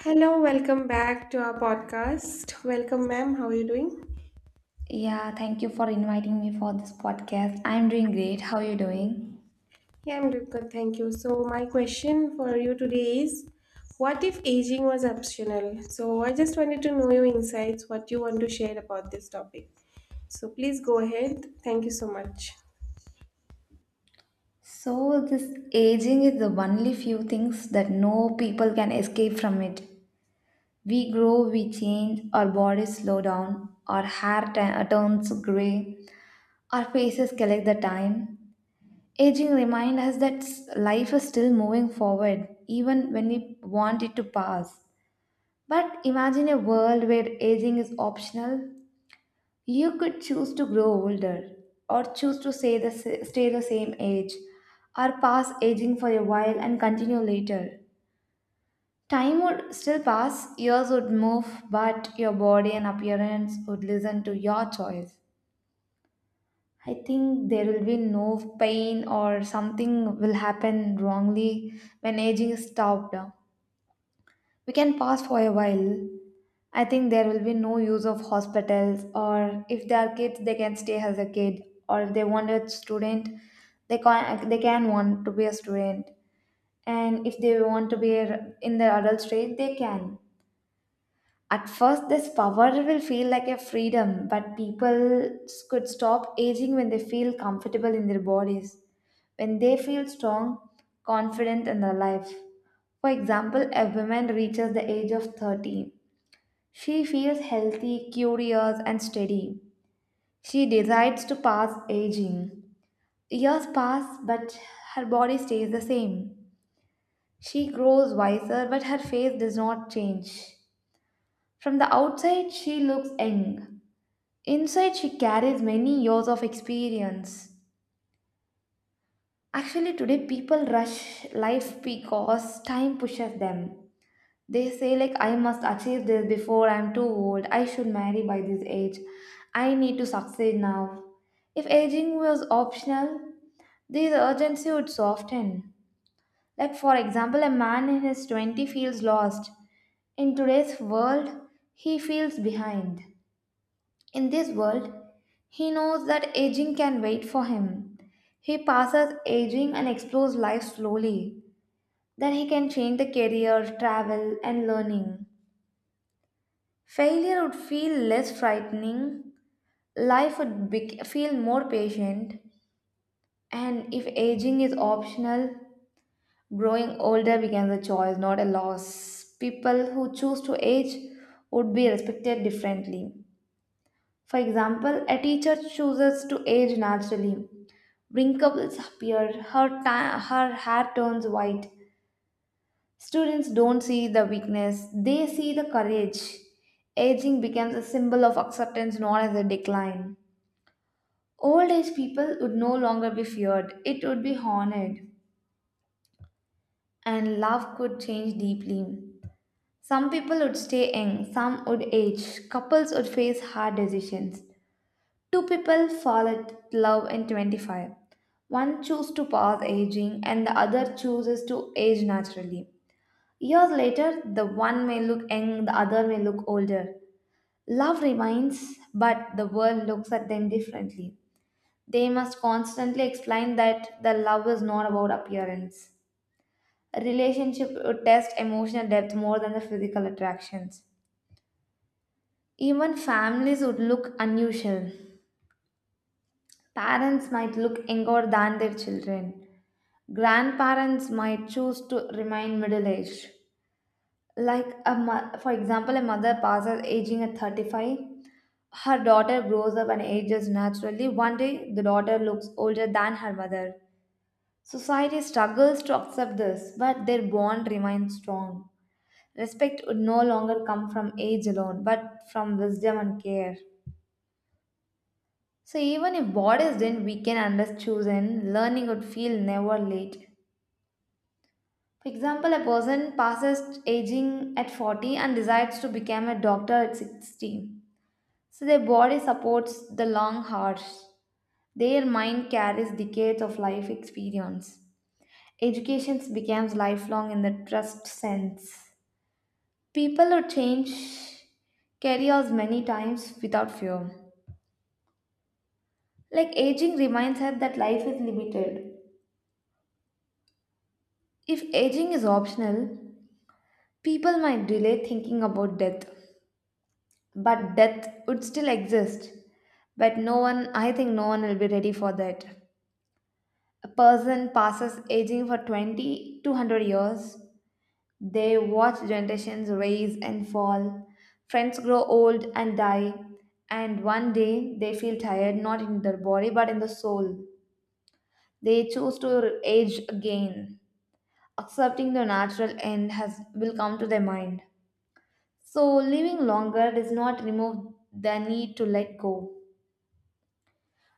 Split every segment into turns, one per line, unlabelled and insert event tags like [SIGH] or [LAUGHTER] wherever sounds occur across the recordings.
Hello, welcome back to our podcast. Welcome, ma'am. How are you doing?
Yeah, thank you for inviting me for this podcast. I'm doing great. How are you doing?
Yeah, I'm doing good. Thank you. So, my question for you today is, what if aging was optional? So, I just wanted to know your insights, what you want to share about this topic. So, please go ahead. Thank you so much.
So, this aging is the only few things that no people can escape from it. We grow, we change, our bodies slow down, our hair turns gray, our faces collect the time. Aging reminds us that life is still moving forward, even when we want it to pass. But imagine a world where aging is optional. You could choose to grow older or choose to stay the same age or pass aging for a while and continue later. Time would still pass, years would move, but your body and appearance would listen to your choice. I think there will be no pain or something will happen wrongly when aging is stopped. We can pause for a while. I think there will be no use of hospitals, or if they are kids, they can stay as a kid, or if they want a student, they can want to be a student, and if they want to be in their adult state, they can. At first, this power will feel like a freedom, but people could stop aging when they feel comfortable in their bodies, when they feel strong, confident in their life. For example, a woman reaches the age of 30. She feels healthy, curious, and steady. She decides to pass aging. Years pass, but her body stays the same. She grows wiser, but her face does not change. From the outside, she looks young. Inside, she carries many years of experience. Actually, today people rush life because time pushes them. They say, like, I must achieve this before I'm too old. I should marry by this age. I need to succeed now. If aging was optional, this urgency would soften. Like, for example, a man in his 20 feels lost. In today's world, he feels behind. In this world, he knows that aging can wait for him. He passes aging and explores life slowly. Then he can change the career, travel, and learning. Failure would feel less frightening, life would bec feel more patient, and if aging is optional, growing older becomes a choice, not a loss. People who choose to age would be respected differently. For example, a teacher chooses to age naturally. Wrinkles appear, her hair turns white. Students don't see the weakness, they see the courage. Aging becomes a symbol of acceptance, not as a decline. Old age people would no longer be feared, it would be honored, and love could change deeply. Some people would stay young, some would age, couples would face hard decisions. Two people fall in love in 25. One chooses to pause aging, and the other chooses to age naturally. Years later, the one may look young, the other may look older. Love remains, but the world looks at them differently. They must constantly explain that the love is not about appearance. A relationship would test emotional depth more than the physical attractions. Even families would look unusual. Parents might look younger than their children. Grandparents might choose to remain middle aged. Like, for example, a mother passes aging at 35, her daughter grows up and ages naturally. One day, the daughter looks older than her mother. Society struggles to accept this, but their bond remains strong. Respect would no longer come from age alone, but from wisdom and care. So even if borders didn't weaken unless chosen, learning would feel never late. For example, a person passes aging at 40 and decides to become a doctor at 60. So their body supports the long hours. Their mind carries decades of life experience. Education becomes lifelong in the trust sense. People who change careers many times without fear. Like aging reminds us that life is limited. If aging is optional, people might delay thinking about death. But death would still exist. But no one, I think no one will be ready for that. A person passes aging for 20 to 100 years. They watch generations rise and fall. Friends grow old and die. And one day they feel tired not in their body but in the soul. They choose to age again. Accepting the natural end has will come to their mind. So living longer does not remove the need to let go.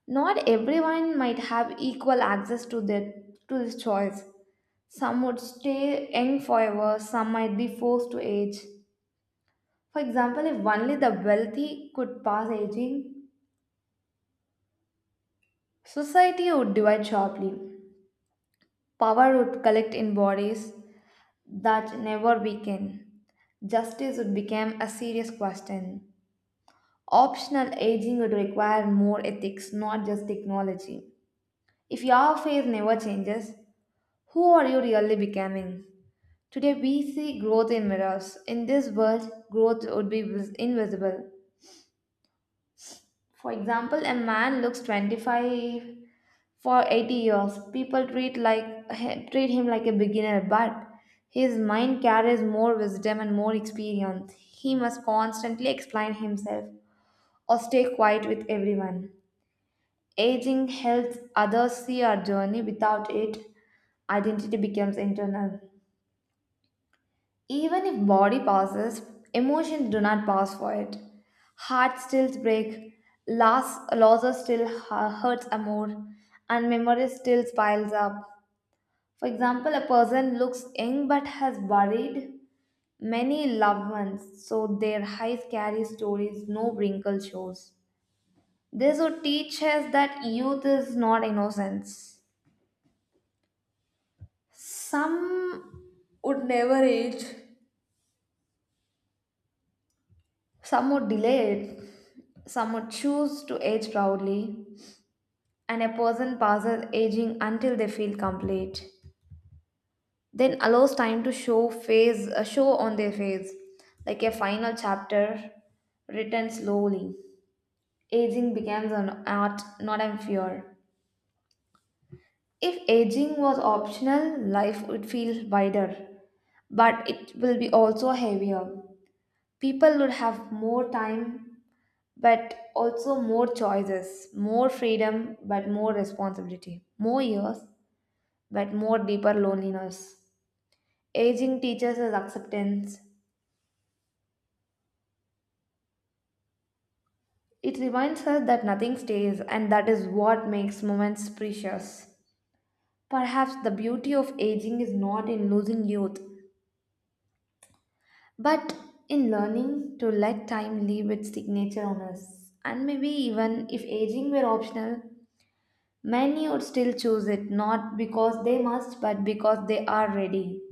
Not everyone might have equal access to their to this choice. Some would stay young forever, some might be forced to age. For example, if only the wealthy could pass aging, society would divide sharply. Power would collect in bodies that never weaken. Justice would become a serious question. Optional aging would require more ethics, not just technology. If your face never changes, who are you really becoming? Today, we see growth in mirrors. In this world, growth would be invisible. For example, a man looks 25. For 80 years, people treat, like, treat him like a beginner, but his mind carries more wisdom and more experience. He must constantly explain himself or stay quiet with everyone. Aging helps others see our journey. Without it, identity becomes internal. Even if body passes, emotions do not pass for it. Hearts still break, losses still hurts more, and memories still piles up. For example, a person looks young but has buried many loved ones, so their eyes carry stories no wrinkle shows. This would teach us that youth is not innocence. Some would never age, some would delay it, some would choose to age proudly, and a person passes aging until they feel complete, then allows time to show on their face like a final chapter written slowly. Aging becomes an art, not a fear. If aging was optional, life would feel wider, but it will be also heavier. People would have more time, but also more choices, more freedom but more responsibility, more years but more deeper loneliness. Aging teaches us acceptance. It reminds us that nothing stays, and that is what makes moments precious. Perhaps the beauty of aging is not in losing youth, but in learning to let time leave its signature on us. And maybe even if aging were optional, many would still choose it, not because they must, but because they are ready.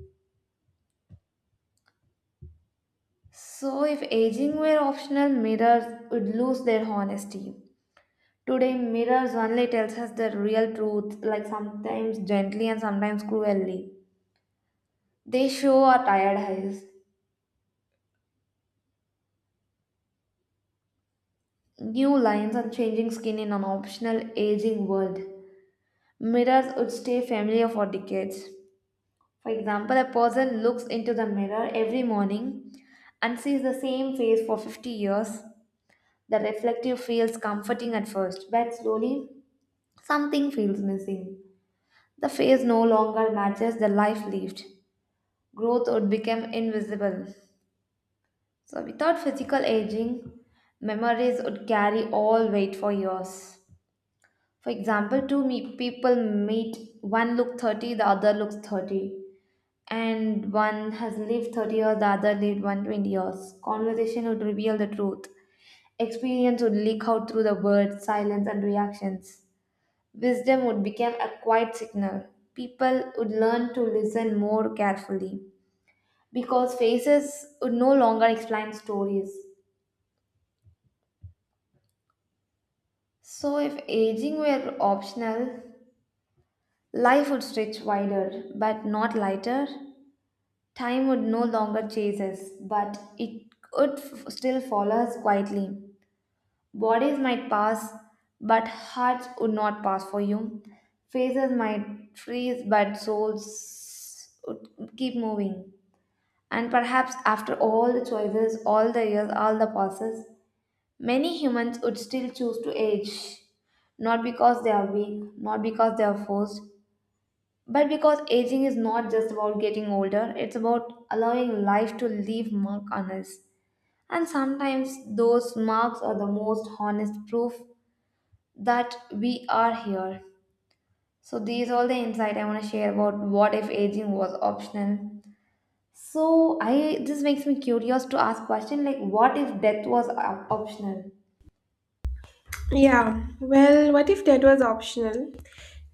So, if aging were optional, mirrors would lose their honesty. Today, mirrors only tells us the real truth, like sometimes gently and sometimes cruelly. They show our tired eyes, new lines, and changing skin in an optional aging world. Mirrors would stay familiar for decades. For example, a person looks into the mirror every morning and sees the same face for 50 years. The reflective feels comforting at first, but slowly something feels missing. The face no longer matches the life lived. Growth would become invisible. So, without physical aging, memories would carry all weight for years. For example, people meet, one look 30, the other looks 30, and one has lived 30 years, the other lived 120 years. Conversation would reveal the truth. Experience would leak out through the words, silence, and reactions. Wisdom would become a quiet signal. People would learn to listen more carefully, because faces would no longer explain stories. So, if aging were optional, life would stretch wider but not lighter. Time would no longer chase us, but it would still follow us quietly. Bodies might pass, but hearts would not pass for you. Faces might freeze, but souls would keep moving. And perhaps after all the choices, all the years, all the passes, many humans would still choose to age, not because they are weak, not because they are forced, but because aging is not just about getting older, it's about allowing life to leave mark on us. And sometimes those marks are the most honest proof that we are here. So these all the insight I want to share about what if aging was optional. So I this makes me curious to ask question like what if death was optional?
Yeah, well, what if that was optional?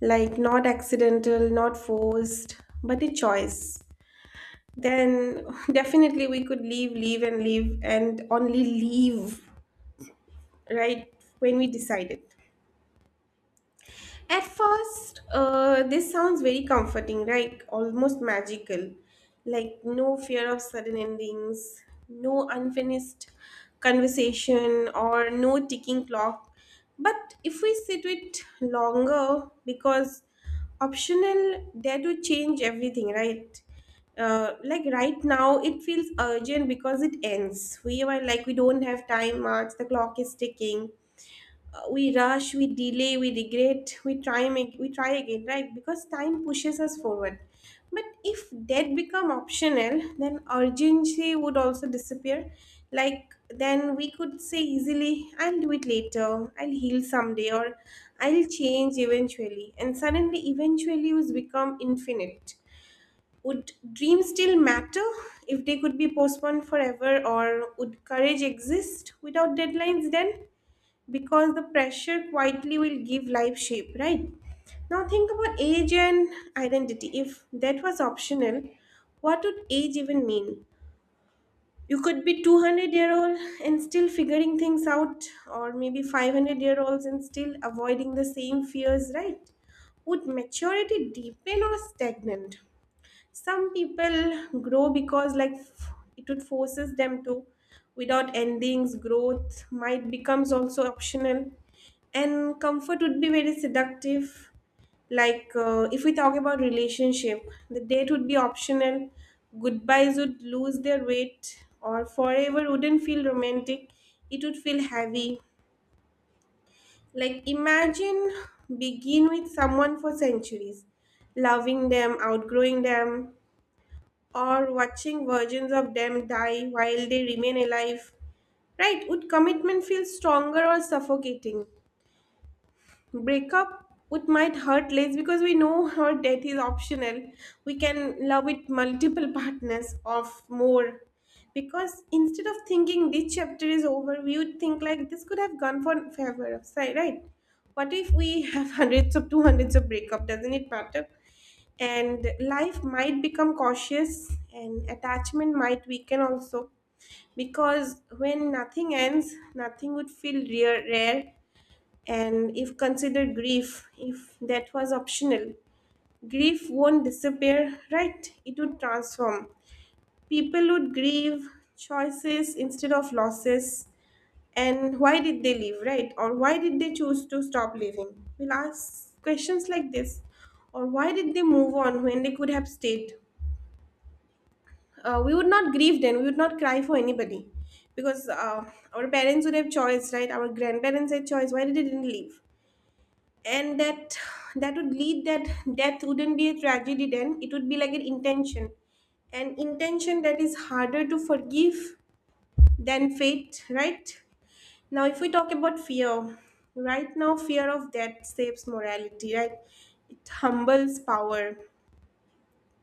Like, not accidental, not forced, but a choice. Then [LAUGHS] definitely we could leave, leave, and leave, and only leave, right, when we decided. At first, this sounds very comforting, right? Almost magical, like no fear of sudden endings, no unfinished conversation, or no ticking clock. But if we sit with longer, because optional dare to change everything, right? Like right now it feels urgent because it ends. We were like, we don't have time much, the clock is ticking. We rush, we delay, we regret, we try again, right? Because time pushes us forward. But if that become optional, then urgency would also disappear. Like, then we could say easily, I'll do it later, I'll heal someday, or I'll change eventually, and suddenly eventually was become infinite. Would dreams still matter if they could be postponed forever, or would courage exist without deadlines? Then, because the pressure quietly will give life shape, right? Now think about age and identity. If that was optional, what would age even mean? You could be 200-year-old and still figuring things out, or maybe 500-year-olds and still avoiding the same fears, right? Would maturity deepen or stagnant? Some people grow because, like, it would forces them to. Without endings, growth might becomes also optional, and comfort would be very seductive. Like, if we talk about relationship, the date would be optional, goodbyes would lose their weight, or forever wouldn't feel romantic, it would feel heavy. Like, imagine begin with someone for centuries, loving them, outgrowing them, or watching versions of them die while they remain alive. Right, would commitment feel stronger or suffocating? Breakup would might hurt less because we know [LAUGHS] our death is optional. We can love with multiple partners or more. Because instead of thinking this chapter is over, we would think like this could have gone for forever. Right? What if we have hundreds of two hundreds of breakup? Doesn't it matter? And life might become cautious, and attachment might weaken also, because when nothing ends, nothing would feel rare. And if considered grief, if that was optional, grief won't disappear, right? It would transform. People would grieve choices instead of losses. And why did they leave, right? Or why did they choose to stop living? We'll ask questions like this. Or why did they move on when they could have stayed? We would not grieve then, we would not cry for anybody, because our parents would have choice, right? Our grandparents had choice, why did they didn't leave? And that would lead that death wouldn't be a tragedy, then it would be like an intention, an intention that is harder to forgive than fate, right? Now if we talk about fear, right now fear of death saves morality, right? It humbles power,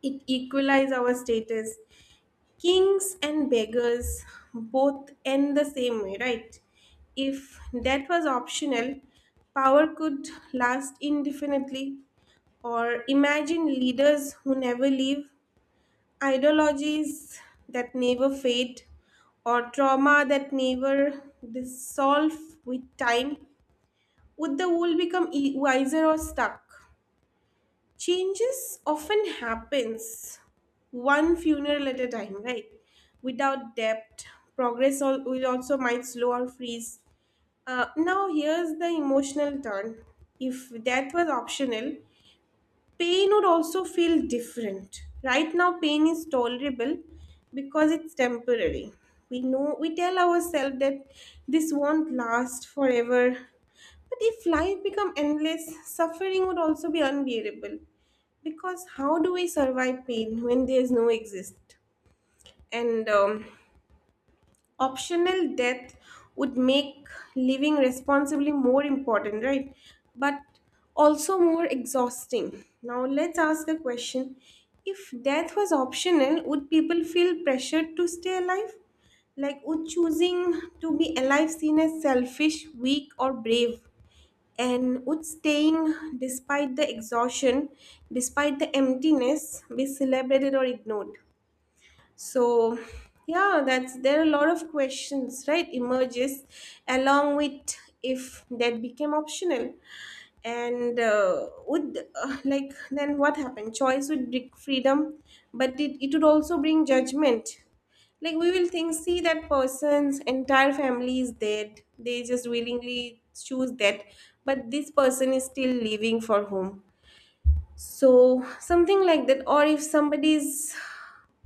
it equalizes our status. Kings and beggars both end the same way, right? If death was optional, power could last indefinitely. Or imagine leaders who never leave, ideologies that never fade, or trauma that never dissolve with time. Would the world become wiser or stuck? Changes often happens one funeral at a time, right? Without depth, progress will also might slow or freeze. Now here's the emotional turn. If death was optional, pain would also feel different. Right now pain is tolerable because it's temporary. We know, we tell ourselves that this won't last forever. But if life become endless, suffering would also be unbearable. Because how do we survive pain when there is no exist? And optional death would make living responsibly more important, right? But also more exhausting. Now let's ask the question: if death was optional, would people feel pressured to stay alive? Like, would choosing to be alive seen as selfish, weak, or brave? And would staying despite the exhaustion, despite the emptiness, be celebrated or ignored? So, yeah, that's there are a lot of questions, right? Emerges along with if that became optional. And would [LAUGHS] like then what happened, choice would bring freedom, but it would also bring judgment. Like, we will think, see that person's entire family is dead, they just willingly choose that, but this person is still living for whom? So something like that. Or if somebody's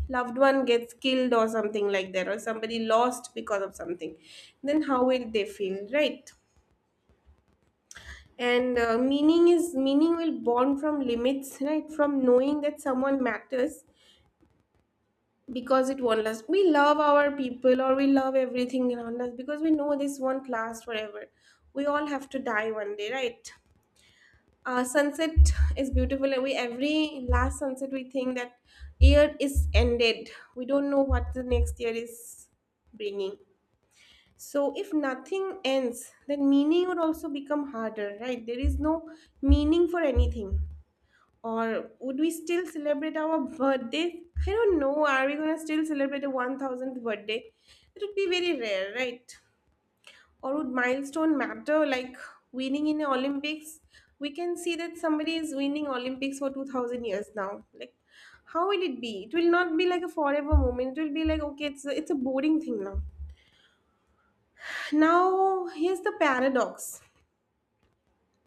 loved one gets killed or something like that, or somebody lost because of something, then how will they feel, right? And meaning will born from limits, right? From knowing that someone matters because it won't last. We love our people, or we love everything around us, because we know this won't last forever. We all have to die one day, right? Sunset is beautiful, and we every last sunset we think that year is ended. We don't know what the next year is bringing. So if nothing ends, then meaning would also become harder, right? There is no meaning for anything. Or would we still celebrate our birthdays? I don't know. Are we gonna still celebrate a 1000th birthday? It would be very rare, right? Or would milestone matter, like winning in the Olympics? We can see that somebody is winning Olympics for 2000 years now. Like, how will it be? It will not be like a forever moment. It will be like, okay, it's a boring thing now. Now here's the paradox.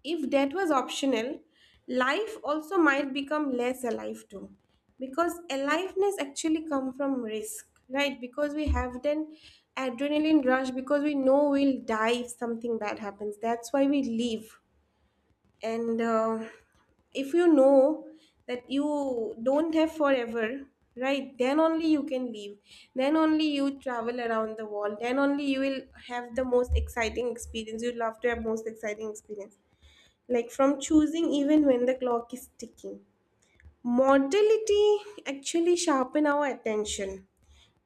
If death was optional, life also might become less alive too. Because aliveness actually comes from risk, right? Because we have then adrenaline rush, because we know we'll die if something bad happens. That's why we live. And if you know that you don't have forever, right, then only you can leave. Then only you travel around the world. Then only you will have the most exciting experience. You love to have most exciting experience, like from choosing even when the clock is ticking. Mortality actually sharpen our attention.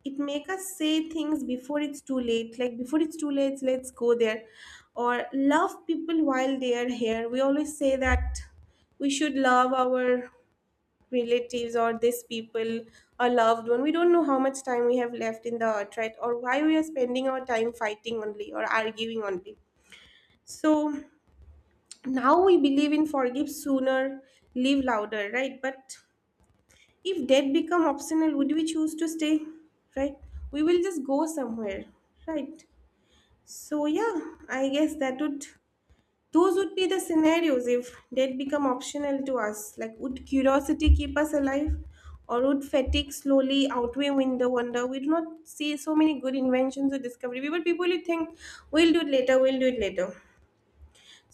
It make us say things before it's too late. Like, before it's too late, let's go there, or love people while they are here. We always say that we should love our relatives or these people, a loved one. We don't know how much time we have left in the earth, right? Or why we are spending our time fighting only or arguing only. So now we believe in forgive sooner, live louder, right? But if death become optional, would we choose to stay, right? We will just go somewhere, right? So yeah, I guess that would, those would be the scenarios if death become optional to us. Like, would curiosity keep us alive, or would fatigue slowly outweigh window wonder? We do not see so many good inventions or discovery. We were people who think we'll do it later, we'll do it later.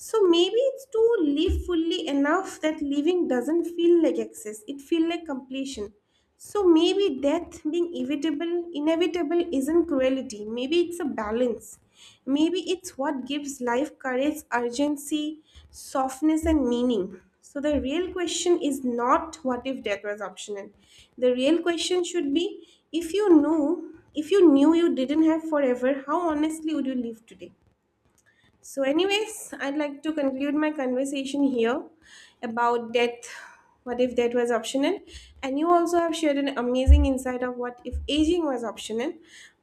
So maybe it's to live fully enough that living doesn't feel like excess, it feels like completion. So maybe death being inevitable isn't cruelty. Maybe it's a balance. Maybe it's what gives life courage, urgency, softness, and meaning. So the real question is not what if death was optional. The real question should be, if you knew you didn't have forever, how honestly would you live today? So, anyways, I'd like to conclude my conversation here about death. What if death was optional? And you also have shared an amazing insight of what if aging was optional.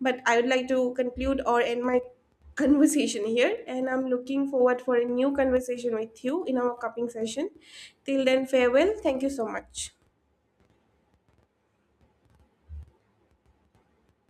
But I would like to conclude or end my [LAUGHS] conversation here. And I'm looking forward for a new conversation with you in our coming session. Till then, farewell. Thank you so much.